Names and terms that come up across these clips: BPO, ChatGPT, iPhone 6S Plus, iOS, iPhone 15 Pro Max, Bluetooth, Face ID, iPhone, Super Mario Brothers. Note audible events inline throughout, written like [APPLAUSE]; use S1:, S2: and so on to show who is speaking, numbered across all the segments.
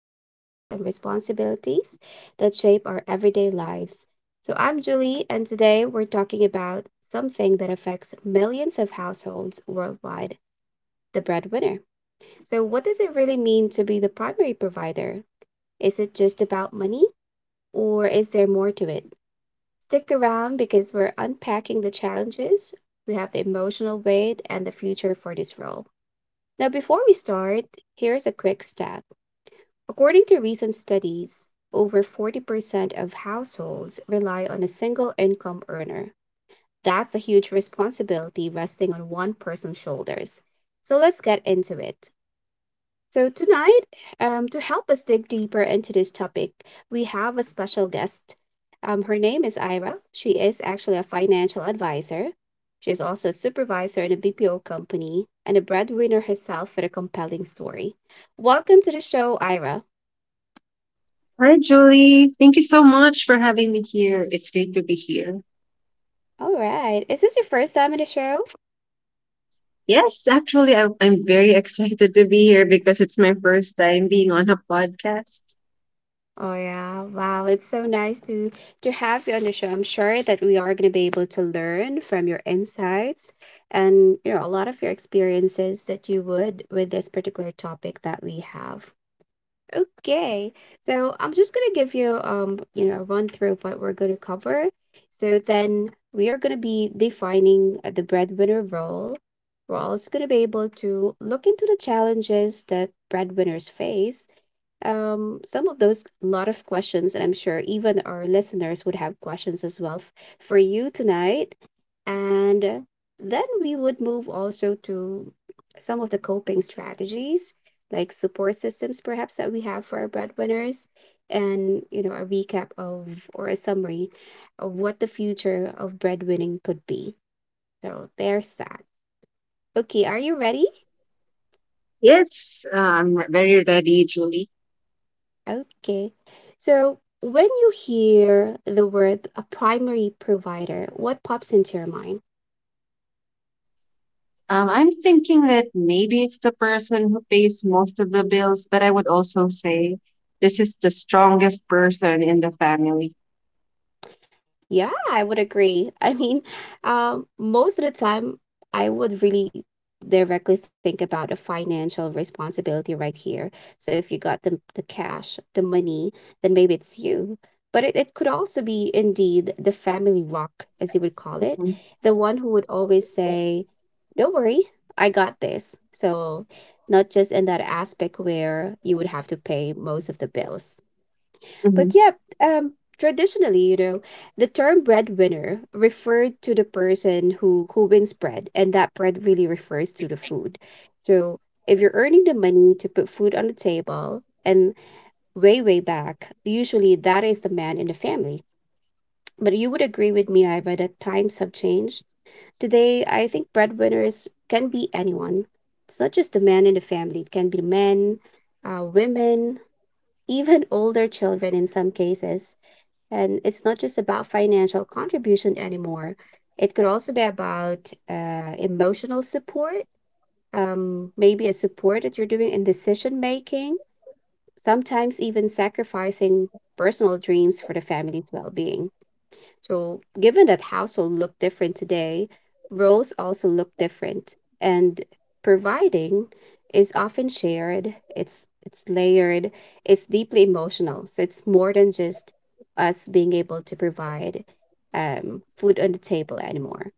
S1: life roles and responsibilities that shape our everyday lives. So, I'm Julie, and today we're talking about something that affects millions of households worldwide, the breadwinner. So, what does it really mean to be the primary provider? Is it just about money, or is there more to it? Stick around because we're unpacking the challenges, we have the emotional weight, and the future for this role. Now, before we start, here's a quick stat. According to recent studies, over 40% of households rely on a single income earner. That's a huge responsibility resting on one person's shoulders. So let's get into it. So, tonight, to help us dig deeper into this topic, we have a special guest. Her name is Ira. She is actually a financial advisor. She is also a supervisor in a BPO company and a breadwinner herself with a compelling story. Welcome to the show, Ira.
S2: Hi, Julie. Thank you so much for having me here. It's great to be here.
S1: All right. Is this your first time on the show?
S2: Yes, actually, I'm very [LAUGHS] excited to be here because it's my first time being on a podcast.
S1: Oh yeah, wow. It's so nice to have you on the show. I'm sure that we are going to be able to learn from your insights and you know a lot of your experiences that you would with this particular topic that we have. Okay. So, I'm just going to give you you know, a run through of what we're going to cover. So then we are going to be defining the breadwinner role. We're also going to be able to look into the challenges that breadwinners face, some of those lot of questions, and I'm sure even our listeners would have questions as well for you tonight. And then we would move also to some of the coping strategies, like support systems, perhaps that we have for our breadwinners, and you know a recap of or a summary of what the future of breadwinning could be. So there's that. Okay, are you ready?
S2: Yes, I'm very ready, Julie.
S1: Okay. So when you hear the word a primary provider, what pops into your mind?
S2: I'm thinking that maybe it's the person who pays most of the bills, but I would also say this is the strongest person in the family.
S1: Yeah, I would agree. I mean, most of the time, I would really directly think about a financial responsibility right here. So if you got the cash, the money, then maybe it's you. But it could also be indeed the family rock, as you would call it,
S2: Mhm,
S1: the one who would always say, "Don't worry, I got this." So not just in that aspect where you would have to pay most of the bills,
S2: mhm,
S1: but yeah, um, traditionally, you know, the term breadwinner referred to the person who wins bread, and that bread really refers to the food. So if you're earning the money to put food on the table, and way back, usually that is the man in the family. But you would agree with me, Iva, that times have changed. Today, I think breadwinners can be anyone. It's not just the man in the family. It can be men, women, even older children in some cases. And it's not just about financial contribution anymore. It could also be about emotional support, maybe a support that you're doing in decision making, sometimes even sacrificing personal dreams for the family's well being. So, given that household look different today, roles also look different. And providing is often shared, it's layered, it's deeply emotional. So it's more than just us being able to provide food on the table anymore.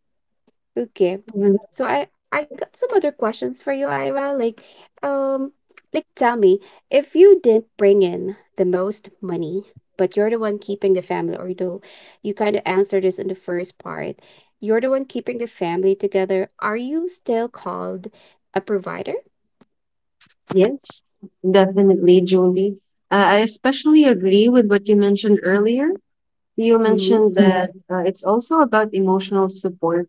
S1: Okay.
S2: mhm.
S1: So I got some other questions for you, Ira. Um, like tell me, if you didn't bring in the most money, but you're the one keeping the family, or though you kind of answered this in the first part, you're the one keeping the family together. Are you still called a provider?
S2: Yes, definitely, Julie. I especially agree with what you mentioned earlier. You
S1: Mm-hmm.
S2: mentioned that it's also about emotional support.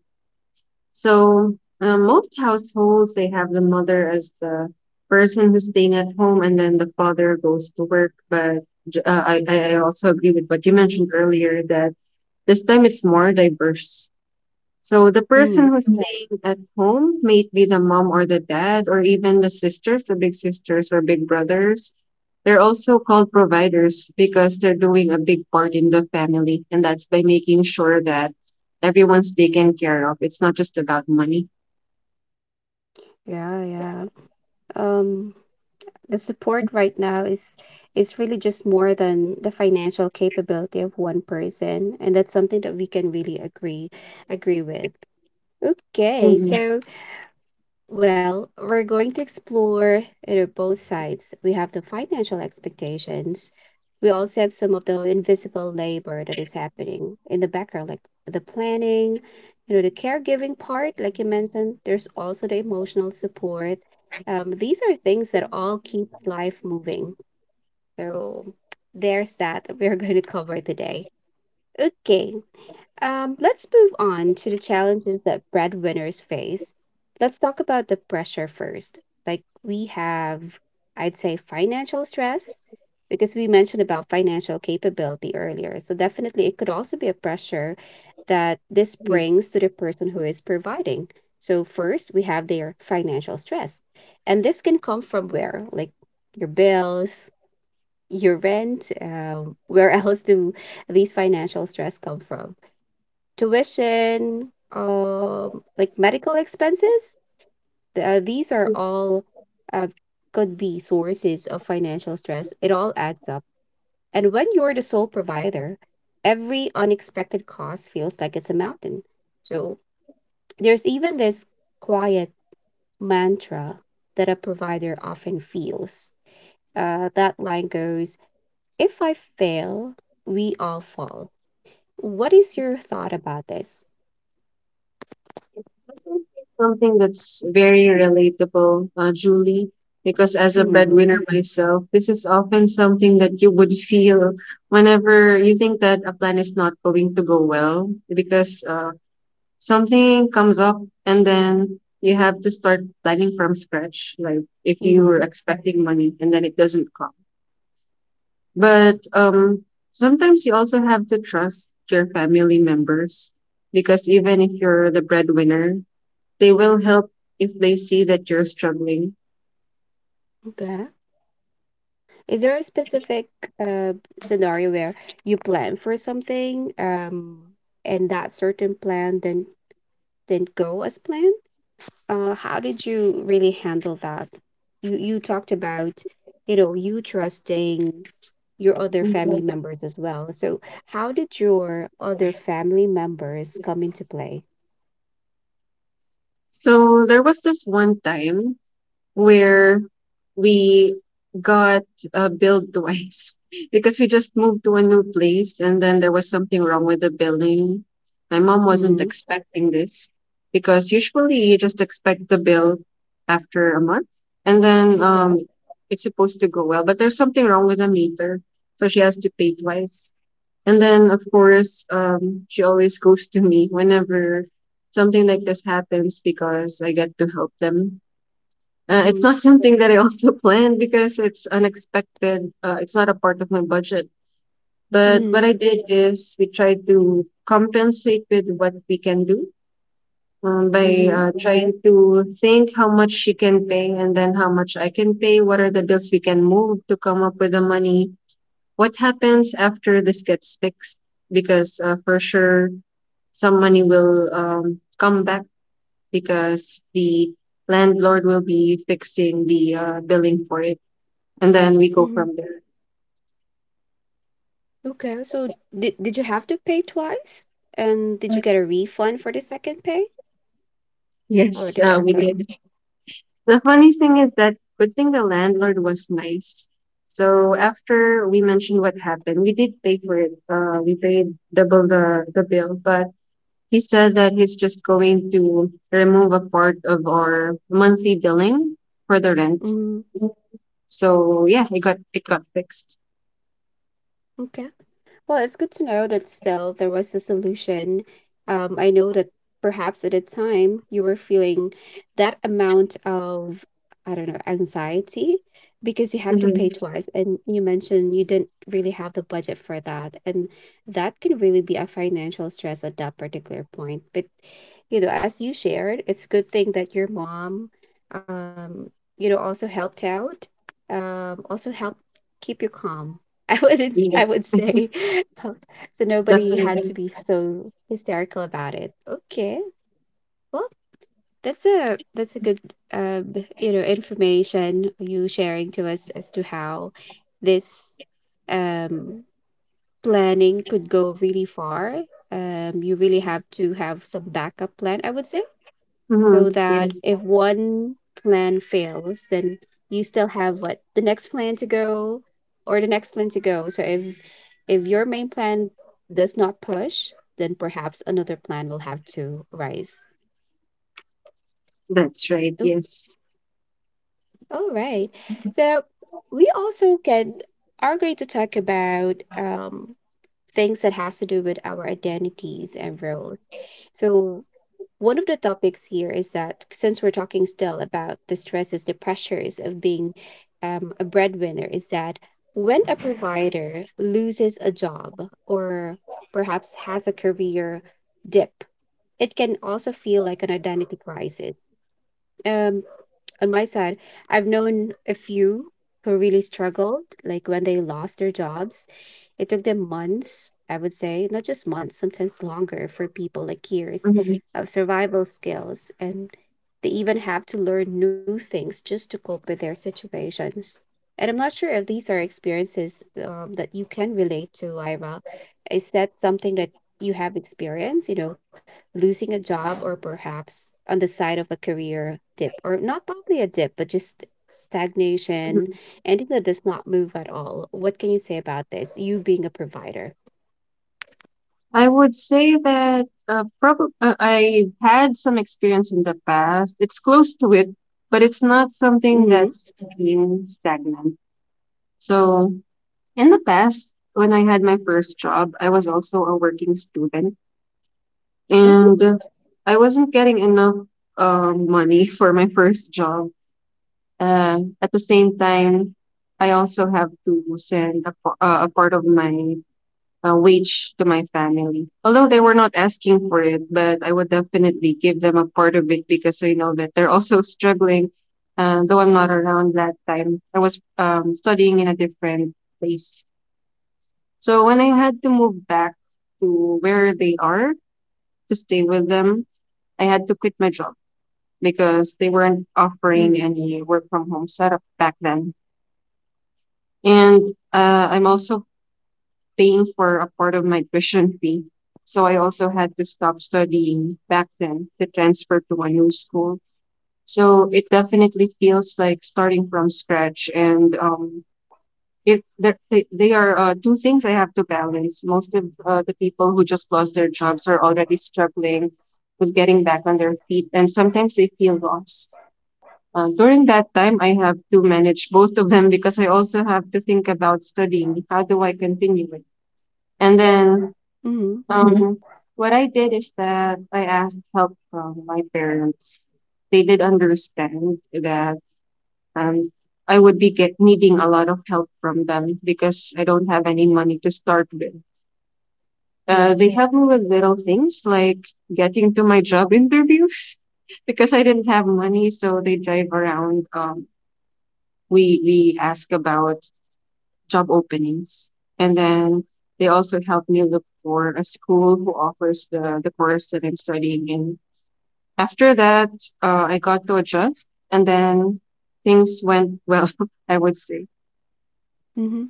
S2: So, most households, they have the mother as the person who's staying at home, and then the father goes to work. But I also agree with what you mentioned earlier that this time it's more diverse. So the
S1: Mm-hmm.
S2: person who's, yeah, staying at home may be the mom or the dad or even the sisters, the big sisters or big brothers. They're also called providers because they're doing a big part in the family, and that's by making sure that everyone's taken care of. It's not just about money.
S1: Yeah, yeah. Um, the support right now is really just more than the financial capability of one person, and that's something that we can really agree with. Okay,
S2: Mm.
S1: so well, we're going to explore, you know, both sides. We have the financial expectations. We also have some of the invisible labor that is happening in the background, like the planning, you know, the caregiving part, like you mentioned. There's also the emotional support. These are things that all keep life moving. So there's that we're going to [LAUGHS] cover today. Okay, let's move on to the challenges that breadwinners face. Let's talk about the pressure first. Like we have, I'd say, financial stress, because we mentioned about financial capability earlier. So definitely it could also be a pressure that this brings to the person who is providing. So first we have their financial stress. And this can come from where? Like your bills, your rent, where [LAUGHS] else do these financial stress come from? Tuition, like medical expenses. These are all uh, could be sources of financial stress. It all adds up. And when you're the sole provider, every unexpected cost feels like it's a mountain. So there's even this quiet mantra that a provider often feels. That line goes, "If I fail, we all fall." What is your thought about this?
S2: Something that's very relatable, Julie, because as a
S1: Mm-hmm.
S2: breadwinner myself, this is often something that you would feel whenever you think that a plan is not going to go well, because something comes up and then you have to start planning from scratch, like if you were
S1: Mm-hmm.
S2: expecting money and then it doesn't come. But sometimes you also have to trust your family members because even if you're the breadwinner, they will help if they see that you're struggling.
S1: Is there a specific uh, scenario where you plan for something, and that certain plan then didn't go as planned? How did you really handle that? You talked about, you know, you trusting your other family
S2: Mhm.
S1: members as well. So how did your other family members come into play?
S2: So there was this one time where we got billed twice [LAUGHS] because we just moved to a new place and then there was something wrong with the billing. My mom wasn't
S1: Mm-hmm.
S2: expecting this because usually you just expect the bill after a month and then
S1: Okay.
S2: it's supposed to go well, but there's something wrong with the meter. So she has to pay twice. And then, of course, she always goes to me whenever something like this happens because I get to help them. It's
S1: Mm-hmm.
S2: not [LAUGHS] something that I also [LAUGHS] planned because it's unexpected. It's not a part of my budget. But
S1: Mm-hmm.
S2: what I did is we tried to compensate with what we can do, by
S1: Mm-hmm.
S2: trying to think how much she can pay and then how much I can pay. What are the bills we can move to come up with the money? What happens after this gets fixed? Because for sure, some money will come back because the landlord will be fixing the billing for it, and then we go
S1: Mm-hmm.
S2: from there.
S1: Okay, so did you have to pay twice? And did you
S2: Right.
S1: get a refund for the second pay? How
S2: Yes,
S1: did that
S2: we
S1: go?
S2: did. The funny thing is that good thing the landlord was nice. So after we mentioned what happened, we did pay for it. We paid double the bill, but he said that he's just going to remove a part of our monthly billing for the rent.
S1: Mm,
S2: So, yeah, it got fixed.
S1: okay. Well, it's good to know that still there was a solution. I know that perhaps at the time you were feeling that amount of, I don't know, anxiety because you have to pay
S2: Mhm.
S1: twice. And you mentioned you didn't really have the budget for that. And that can really be a financial stress at that particular point. But, you know, as you shared, it's a good thing that your mom, um, you know, also helped out, also helped keep you calm, [LAUGHS] I wouldn't I would say. Um, so nobody had to
S2: The-
S1: be so hysterical about it. Okay. Well, that's a good you know, information you sharing to us as to how this um planning could go really far. You really have to have some backup plan, I would say, so
S2: mhm.
S1: that if one plan fails, then you still have what the next plan to go or the next plan to go. So if your main plan does not push, then perhaps another plan will have to rise.
S2: That's right.
S1: Oh,
S2: Yes.
S1: all right. So we also can are going to talk about things that has to do with our identities and roles. So one of the topics here is that since we're talking still about the stresses, the pressures of being a breadwinner, is that when a provider loses a job or perhaps has a career dip, it can also feel like an identity crisis. Um, on my side, I've known a few who really struggled, like when they lost their jobs. It took them months, I would say, not just months, sometimes longer for people, like years
S2: Mhm.
S1: of survival skills. And they even have to learn new things just to cope with their situations. And I'm not sure if these are experiences that you can relate to, Ira. Is that something that you have experienced? You know, losing a job, or perhaps on the side of a career dip, or not probably a dip but just stagnation, anything that does not move at all. What can you say about this, you being a provider?
S2: I would say that probably I had some experience in the past. It's close to it, but it's not something
S1: Mm-hmm.
S2: that's being stagnant. So in the past, when I had my first job, I was also a working student.
S1: Uh-huh.
S2: And I wasn't getting enough money for my first job. At the same time, I also have to send a part of my wage to my family. Although they were not asking for it, but I would definitely give them a part of it because I know that they're [LAUGHS] also struggling. Though I'm not around that time, I was studying in a different place. So when I had to move back to where they are to stay with them, I had to quit my job because they weren't
S1: Mm-hmm.
S2: offering any work from home setup back then. And I'm also paying for a part of my tuition fee. So I also had to stop studying back then to transfer to a new school. So it definitely feels like starting from scratch. And they are two things I have to balance. Most of the people who just lost their jobs are already struggling with getting back on their feet, and sometimes they feel lost. During that time, I have to manage both of them because I also have to think about studying. How do I continue it? And then
S1: Mm-hmm.
S2: um, what I did is that I asked help from my parents. They did understand that um, I would be needing a lot of help from them because I don't have any money to start with.
S1: Mm,
S2: They helped me with little things like getting to my job interviews [LAUGHS] because I didn't have money, so they drive around, we ask about job openings, and then they also help me look for a school who offers the course that I'm studying in. After that, I got to adjust, and then things went well, [LAUGHS] I would say.
S1: mm-hmm.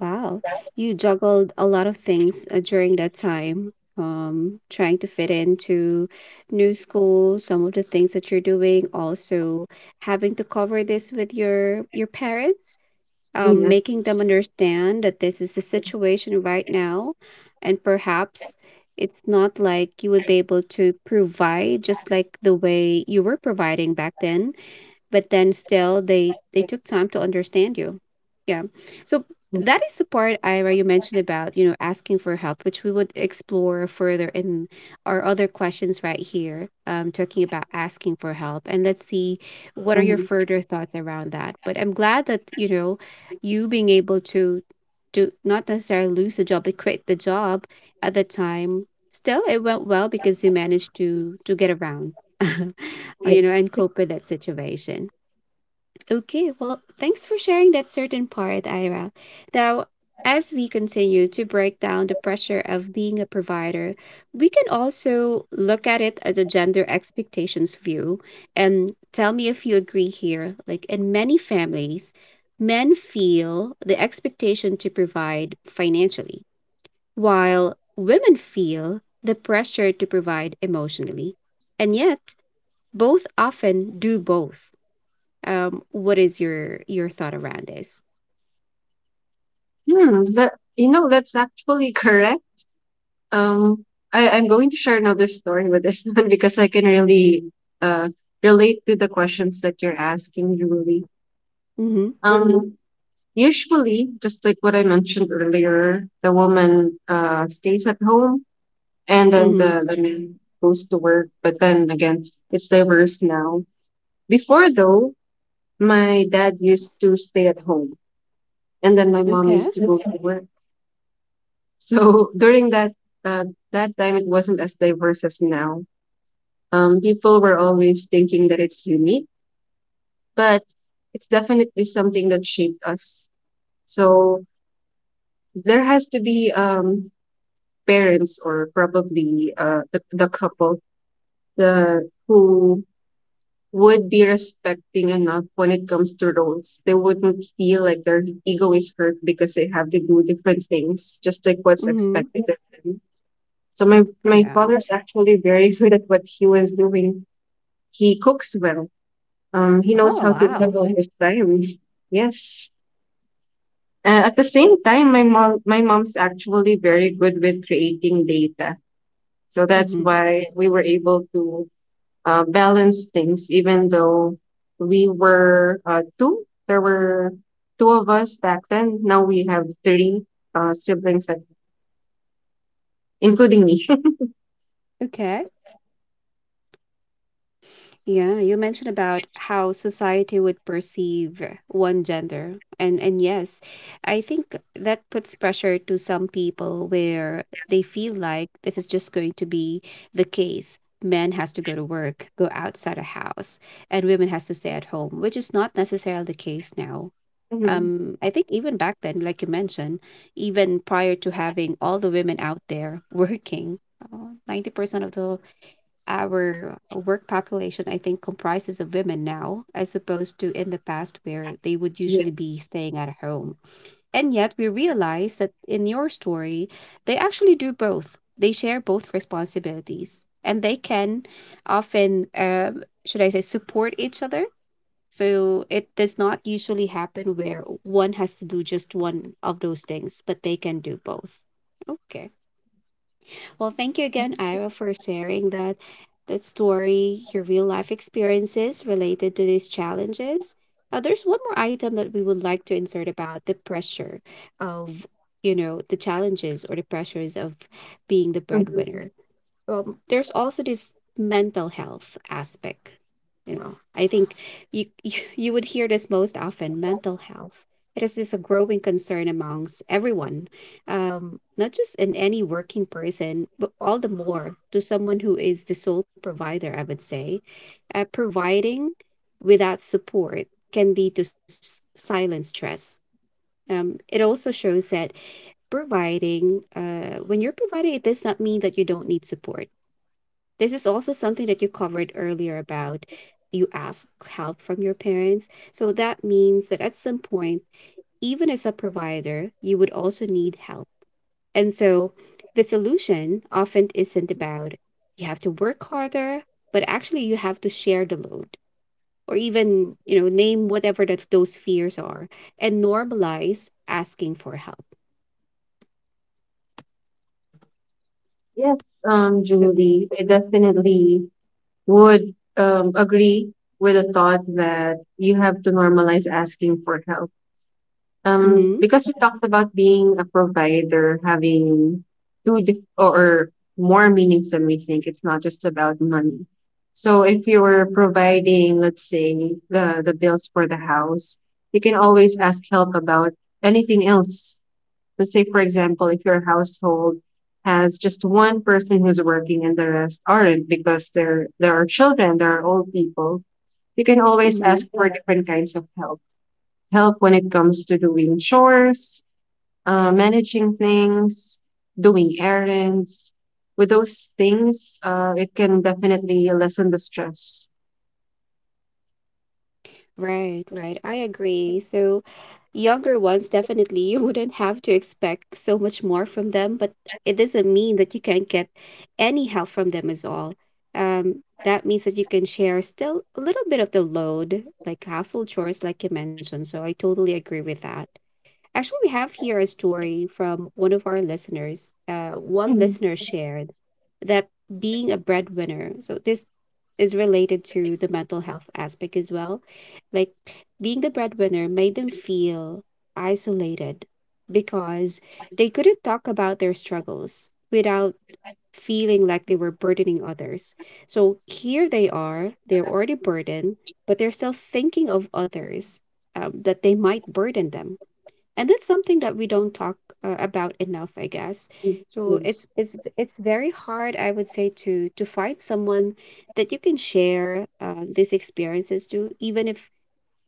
S1: Wow, you juggled a lot of things during that time, trying to fit into new school, some of the things that you're doing, also having to cover this with your parents,
S2: Yes.
S1: making them understand that this is the situation right now. And perhaps it's not like you would be able to provide just like the way you were providing back then, but then still they took time to understand you, yeah. So
S2: Yeah.
S1: that is the part, Ira, you mentioned about, you know, asking for help, which we would explore further in our other questions right here. Um, talking about asking for help, and let's see what are your
S2: Mhm.
S1: further thoughts around that. But I'm glad that, you know, you being able to not necessarily lose the job but quit the job at the time, still it went well because you managed to get around [LAUGHS]
S2: Yeah.
S1: you know and cope with that situation. Okay, well, thanks for sharing that certain part, Ira. Now, as we continue to break down the pressure of being a provider, we can also look at it as a gender expectations view. And tell me if you agree here. Like in many families, men feel the expectation to provide financially, while women feel the pressure to provide emotionally. And yet, both often do both. What is your thought around this?
S2: Hmm, that, that's actually [LAUGHS] correct. Um I, i'm going to share another story with this [LAUGHS] one because I can really uh, relate to the questions that you're asking, Julie.
S1: Mm-hmm.
S2: um Usually, just like what I mentioned earlier, the woman stays at home and then
S1: Mm-hmm.
S2: the man goes to work. But then again, it's diverse now. Before, though, my dad used to stay at home and then my mom
S1: Okay.
S2: used to go to work. So [LAUGHS] during uh, that time, it wasn't as diverse as now. People were always thinking that it's unique, but it's definitely something that shaped us. So there has to be, parents or probably the couple, who would be respecting enough when it comes to roles. They wouldn't feel like their ego is hurt because they have to do different things, just like what's
S1: Mm-hmm.
S2: expected of them. So my,
S1: Oh
S2: my
S1: yeah.
S2: father's actually very good at what he was doing. He cooks well. He knows
S1: Oh
S2: how to
S1: wow.
S2: juggle his time. Yes. At the same time, my mom's actually very good with creating data. So that's
S1: Mm-hmm.
S2: why we were able to, balance things, even though we were two. There were two of us back then. Now we have three siblings, including me. [LAUGHS]
S1: Okay. Yeah, you mentioned about how society would perceive one gender. And yes, I think that puts pressure to some people where they feel like this is just going to be the case. Men has to go to work, go outside a house, and women has to stay at home, which is not necessarily the case now.
S2: Mhm.
S1: I think even back then, like you mentioned, even prior to having all the women out there [LAUGHS] working, 90% of the our work population, I think, comprises of women now as opposed to in the past where they would
S2: Yeah.
S1: usually be staying at home. And yet we realize that in your story, they actually do both, they share both responsibilities, and they can often, should I say, support each other. So it does not usually happen where one has to do just one of those things, but they can do both. Okay. Well, thank you again, Ira, for sharing that that story, your real life experiences related to these challenges. There's one more item that we would like to insert about the pressure of, you know, the challenges or the pressures of being the
S2: Mhm.
S1: breadwinner. There's also this mental health aspect. You know, I think you, [LAUGHS] you would hear this most often. Mental health. It is this a growing concern amongst everyone, not just in any working person, but all the more to someone who is the sole provider. I would say, providing without support can lead to silent stress. It also shows that when you're providing, it does not mean that you don't need support. This is also something that you covered earlier about you ask help from your parents. So that means that at some point, even as a provider, you would also need help. And so the solution often isn't about you have to work harder, but actually you have to share the load, or even, you know, name whatever that those fears are, and normalize asking for help.
S2: Yes, Julie, I definitely would agree with the thought that you have to normalize asking for help.
S1: Mm-hmm.
S2: Because we talked about being a provider, having two or more meanings than we think. It's not just about money. So if you were providing, let's say, the bills for the house, you can always ask help about anything else. Let's say, for example, if your household has just one person who's working and the rest aren't because there are children, there are old people, you can always
S1: Mm-hmm.
S2: ask for different kinds of help when it comes to doing chores, managing things, doing errands. With those things, it can definitely lessen the stress.
S1: Right, right. I agree. So, younger ones, definitely, you wouldn't have to expect so much more from them, but it doesn't mean that you can't get any help from them as all. That means that you can share still a little bit of the load, like household chores, like you mentioned. So, I totally agree with that. Actually, we have here a story from one of our listeners. One
S2: Mhm.
S1: listener shared that being a breadwinner. So, this is related to the mental health aspect as well. Like, being the breadwinner made them feel isolated because they couldn't talk about their struggles without feeling like they were burdening others. So here they are, they're already burdened, but they're still thinking of others, that they might burden them, and that's something that we don't talk about enough, I guess. So
S2: Yes,
S1: it's very hard, I would say, to find someone that you can share, these experiences to, even if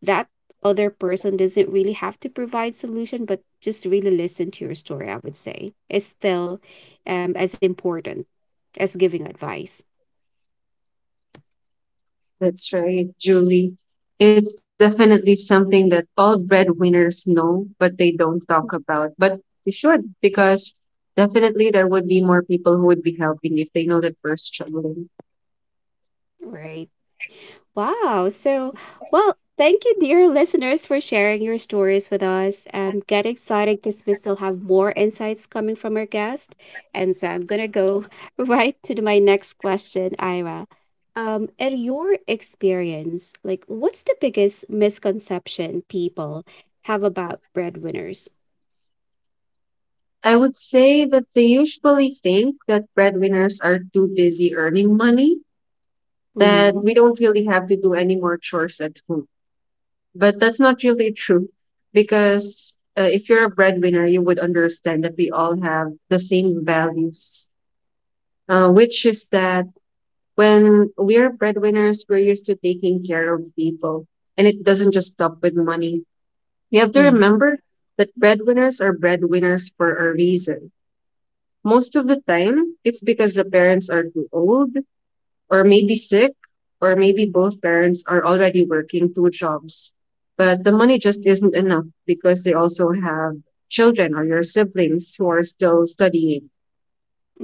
S1: that other person doesn't really have to provide solution, but just really listen to your story, I would say, is still as important as giving advice.
S2: that's right, Julie. It's definitely something that all breadwinners know, but they don't talk about. But we should, because definitely there would be more people who would be helping if they know that we're struggling.
S1: Right. Wow. So, well, thank you, dear listeners, for sharing your stories with us. Get excited because we still have more insights coming from our guest. And so I'm going to go [LAUGHS] right to my next question, Ira. In your experience, like, what's the biggest misconception people have about breadwinners?
S2: I would say that they usually think that breadwinners are too busy earning money, that
S1: Mm-hmm.
S2: we don't really have to do any more chores at home. But that's not really true because if you're a breadwinner, you would understand that we all have the same values, which is that when we're breadwinners, we're used to taking care of people, and it doesn't just stop with money. You have to remember that breadwinners are breadwinners for a reason. Most of the time, it's because the parents are too old, or maybe sick, or maybe both parents are already working two jobs. But the money just isn't enough because they also have children or your siblings who are still studying.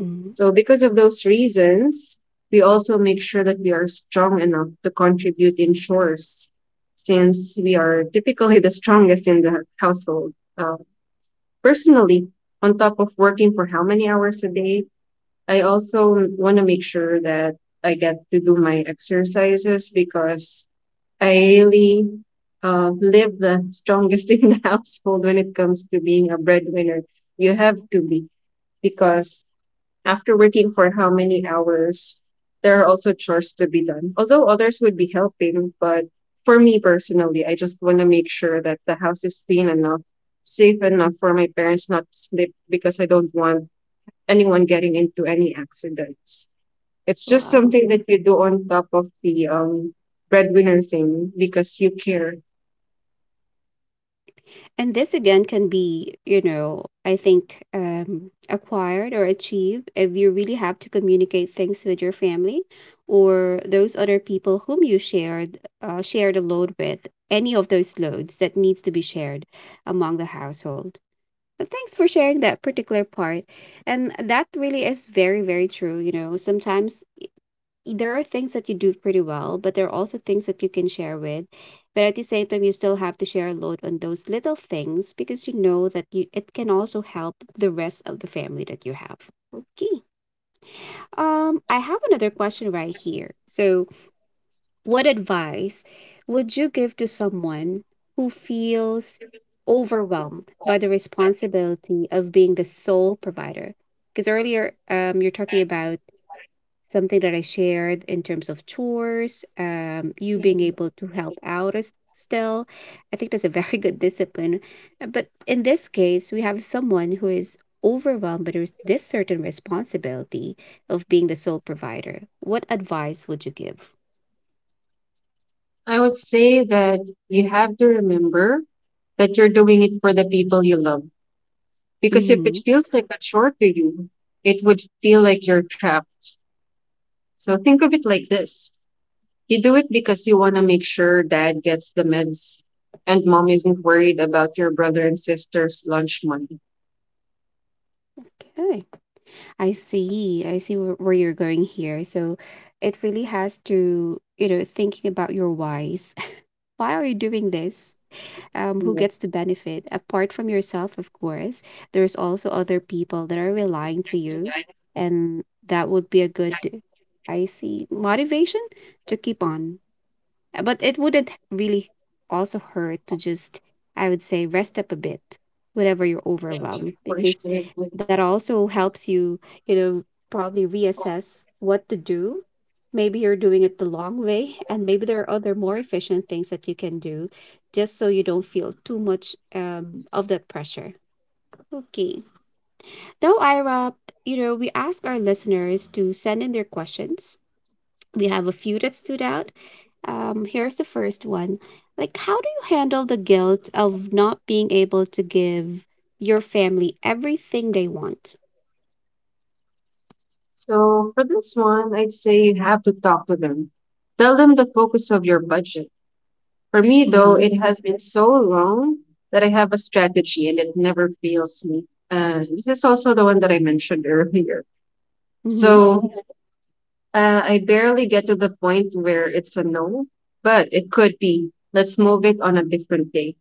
S1: Mm-hmm.
S2: So, because of those reasons, we also make sure that we are strong enough to contribute in chores since we are typically the strongest in the household. Personally, on top of working for how many hours a day, I also want to make sure that I get to do my exercises because I really live the strongest [LAUGHS] in the household when it comes to being a breadwinner. You have to be because after working for how many hours, there are also chores to be done. Although others would be helping, but for me personally, I just want to make sure that the house is clean enough, safe enough for my parents not to sleep because I don't want anyone getting into any accidents. It's just
S1: Wow.
S2: something that you do on top of the breadwinner thing because you care.
S1: And this again can be, you know, I think acquired or achieved if you really have to communicate things with your family or those other people whom you shared share the load with. Any of those loads that needs to be shared among the household. And thanks for sharing that particular part. And that really is very, very true. You know, sometimes there are things that you do pretty well, but there are also things that you can share with. But at the same time, you still have to share a load on those little things because you know that you it can also help the rest of the family that you have. Okay. I have another question right here. So, what advice would you give to someone who feels overwhelmed by the responsibility of being the sole provider? Because earlier, you're talking about something that I shared in terms of chores, you being able to help out as still. I think that's a [LAUGHS] very good discipline. But in this case, we have someone who is overwhelmed by this certain responsibility of being the sole provider. What advice would you give?
S2: I would say that you have to remember that you're doing it for the people you love. Because if it
S1: Hmm.
S2: feels like a chore to you, it would feel like you're trapped. So think of it like this, you do it because you want to make sure dad gets the meds and mom isn't worried about your brother and sister's lunch money.
S1: Okay. I see. I see where you're going here. So it really has to, you know, thinking about your whys. [LAUGHS] Why are you doing this? Who gets to
S2: Yes.
S1: benefit apart from yourself, of course. There's also other people that are relying to you, and that would be a good, I see, motivation to keep on. But it wouldn't really also hurt to just, I would say, rest up a bit whenever you're overwhelmed, because that also helps you, you know, probably reassess what to do. Maybe you're doing it the long way, and maybe there are other more efficient things that you can do just so you don't feel too much of that pressure. Okay. Now, Ira, you know, we ask our listeners to send in their questions. We have a few that stood out. Here's the first one. Like, how do you handle the guilt of not being able to give your family everything they want?
S2: So for this one, I'd say you have to talk to them. Tell them the focus of your budget. For me, though,
S1: Mm-hmm.
S2: it has been so long that I have a strategy and it never fails me. This is also the one that I mentioned earlier.
S1: Mm-hmm.
S2: So I barely get to the point where it's a no, but it could be. Let's move it on a different day.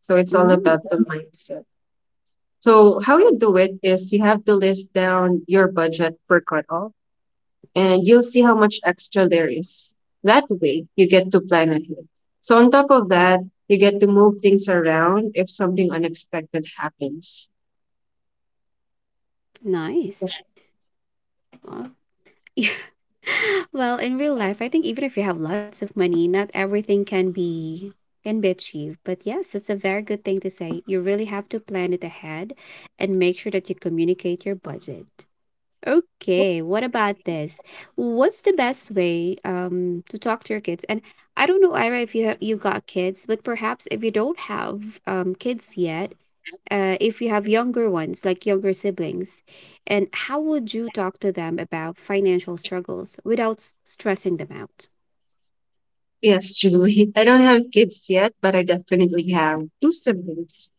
S2: So it's all about
S1: Mm-hmm.
S2: the mindset. So how you do it is you have to list down your budget per cutoff and you'll see how much extra there is. That way, you get to plan ahead. So, on top of that, you get to move things around if something unexpected happens.
S1: Nice. Well, [LAUGHS] yeah. Well, in real life, I think even if you have lots of money, not everything can be achieved. But yes, it's a very good thing to say. You really have to plan it ahead and make sure that you communicate your budget. Okay, what about this? What's the best way to talk to your kids? And I don't know, Ira, if you have you got kids, but perhaps if you don't have kids yet, if you have younger ones, like younger siblings, and how would you talk to them about financial struggles without stressing them out?
S2: Yes, Julie. [LAUGHS] I don't have kids yet, but I definitely have two siblings.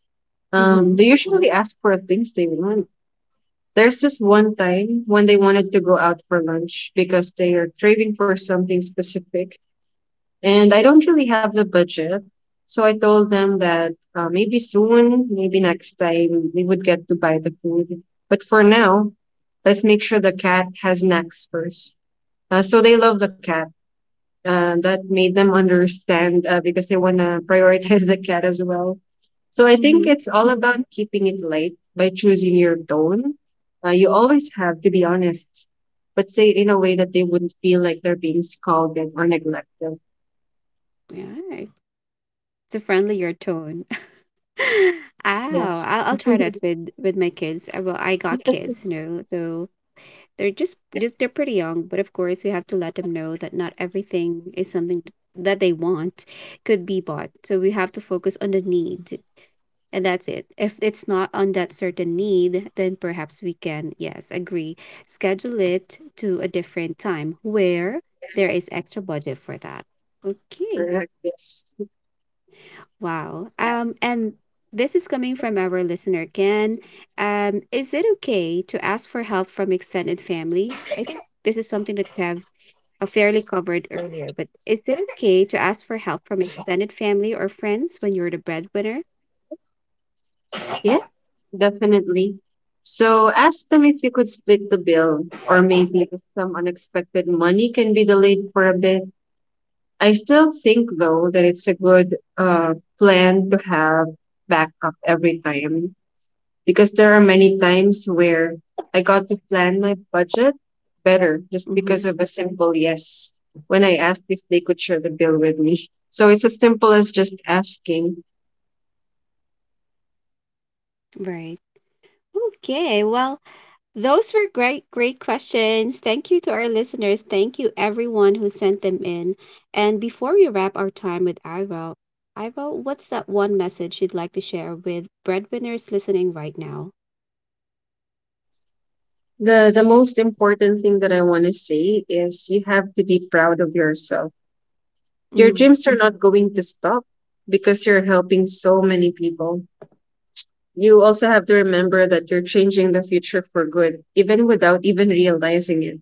S1: Mm-hmm.
S2: They usually ask for things they want. There's this one time when they wanted to go out for lunch because they are craving for something specific, and I don't really have the budget. So I told them that maybe soon, maybe next time, we would get to buy the food. But for now, let's make sure the cat has snacks first. So they love the cat. That made them understand because they want to [LAUGHS] prioritize the cat as well. So I think
S1: Mm-hmm.
S2: it's all about keeping it light by choosing your tone. You always have to be honest, but say it in a way that they wouldn't feel like they're being scolded or neglected.
S1: Yeah. It's a friendlier tone. Ow,
S2: Yes.
S1: I'll try that with my kids. I, well, I got kids, you know, so they're just they're pretty young, but of course we have to let them know that not everything is something that they want could be bought. So we have to focus on the need, and that's it. If it's not on that certain need, then perhaps we can, yes, agree, schedule it to a different time where there is extra budget for that. Okay.
S2: Yes.
S1: Wow. And this is coming from our listener, Ken. Is it okay to ask for help from extended family? I think this is something that we have fairly covered earlier, but is it okay to ask for help from extended family or friends when you're the breadwinner?
S2: Yes, definitely. So ask them if you could split the bill, or maybe if some unexpected money can be delayed for a bit. I still think, though, that it's a good plan to have backup every time because there are many times where I got to plan my budget better just
S1: Mm-hmm.
S2: because of a simple yes when I asked if they could share the bill with me. [LAUGHS] So it's as simple as just asking.
S1: Right. Okay. Well, those were great, great questions. Thank you to our listeners. Thank you everyone who sent them in. And before we wrap our time with Iro, Iro, what's that one message you'd like to share with breadwinners listening right now?
S2: The most important thing that I want to say is you have to be proud of yourself. Your
S1: Mm.
S2: dreams are not going to stop because you're helping so many people. You also have to remember that you're changing the future for good, even without even realizing it.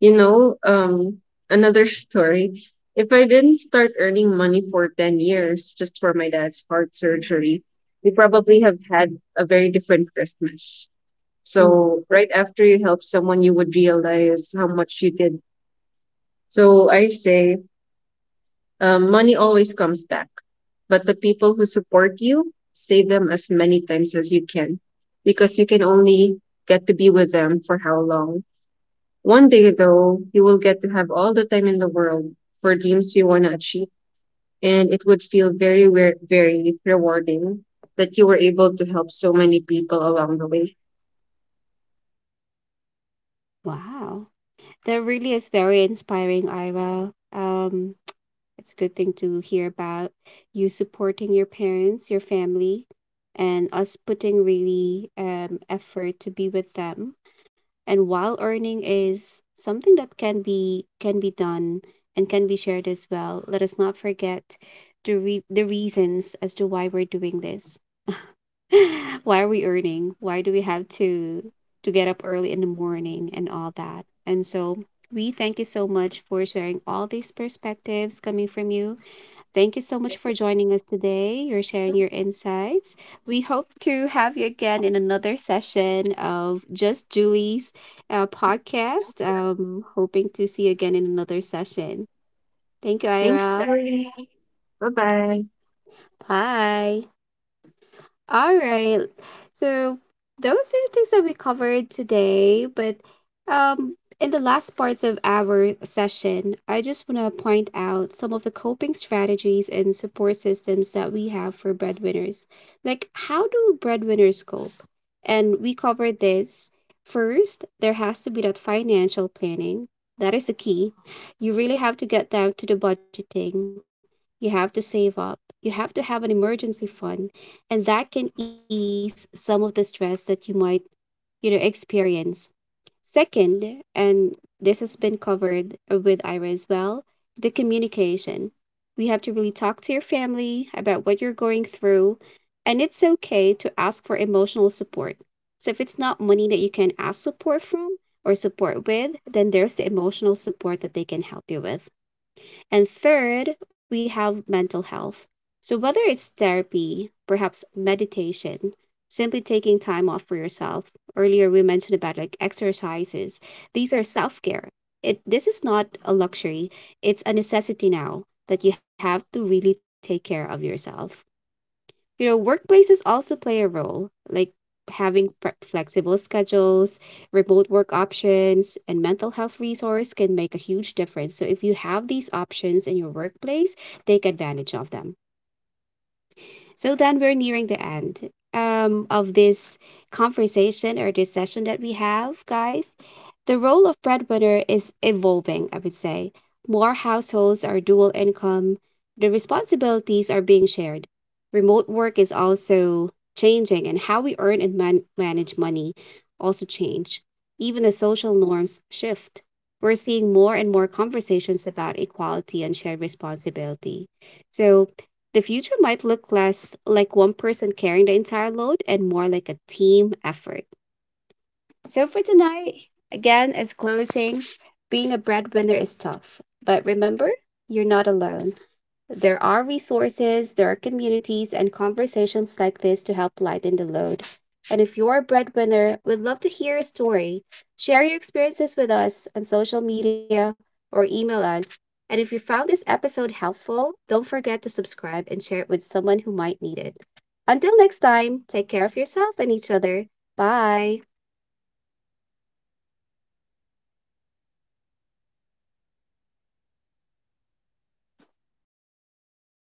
S2: You know, another story. If I didn't start earning money for 10 years just for my dad's heart surgery, we probably have had a very different Christmas.
S1: Mm.
S2: So right after you help someone, you would realize how much you did. So I say, money always comes back, but the people who support you, save them as many times as you can, because you can only get to be with them for how long. One day though, you will get to have all the time in the world for dreams you want to achieve, and it would feel very, very rewarding that you were able to help so many people along the way.
S1: Wow, that really is very inspiring, Iro. It's a good thing to hear about you supporting your parents, your family, and us putting really effort to be with them. And while earning is something that can be done and can be shared as well, let us not forget the reasons as to why we're doing this. [LAUGHS] Why are we earning? Why do we have to get up early in the morning and all that? And so we thank you so much for sharing all these perspectives coming from you. Thank you so much for joining us today. You're sharing your insights. We hope to have you again in another session of Just Julie's podcast. Hoping to see you again in another session. Thank you,
S2: Thanks.
S1: Ira.
S2: Bye bye.
S1: Bye. All right. So those are the things that we covered today, but in the last parts of our session, I just want to point out some of the coping strategies and support systems that we have for breadwinners. Like, how do breadwinners cope? And we covered this. First, there has to be that financial planning. That is the key. You really have to get down to the budgeting. You have to save up. You have to have an emergency fund, and that can ease some of the stress that you might, you know, experience. Second, and this has been covered with Ira as well, the communication. We have to really talk to your family about what you're going through, and it's okay to ask for emotional support. So if it's not money that you can ask support from or support with, then there's the emotional support that they can help you with. And third, we have mental health. So, whether it's therapy, perhaps meditation, simply taking time off for yourself, earlier we mentioned about like exercises, these are self care. It, this is not a luxury, it's a necessity now that you have to really take care of yourself. You know, workplaces also play a role, like having flexible schedules, remote work options, and mental health resource can make a huge difference. So if you have these options in your workplace, take advantage of them. So then we're nearing the end of this conversation or this session that we have, guys. The role of breadwinner is evolving, I would say. More households are dual income, the responsibilities are being shared. Remote work is also changing, and how we earn and manage money also change. Even the social norms shift. We're seeing more and more conversations about equality and shared responsibility. So, the future might look less like one person carrying the entire load and more like a team effort. So, for tonight, again, as closing, being a breadwinner is tough. But remember, you're not alone. There are resources, there are communities and conversations like this to help lighten the load. And if you're a breadwinner, we'd love to hear a story. Share your experiences with us on social media or email us. And if you found this episode helpful, don't forget to subscribe and share it with someone who might need it. Until next time, take care of yourself and each other. Bye.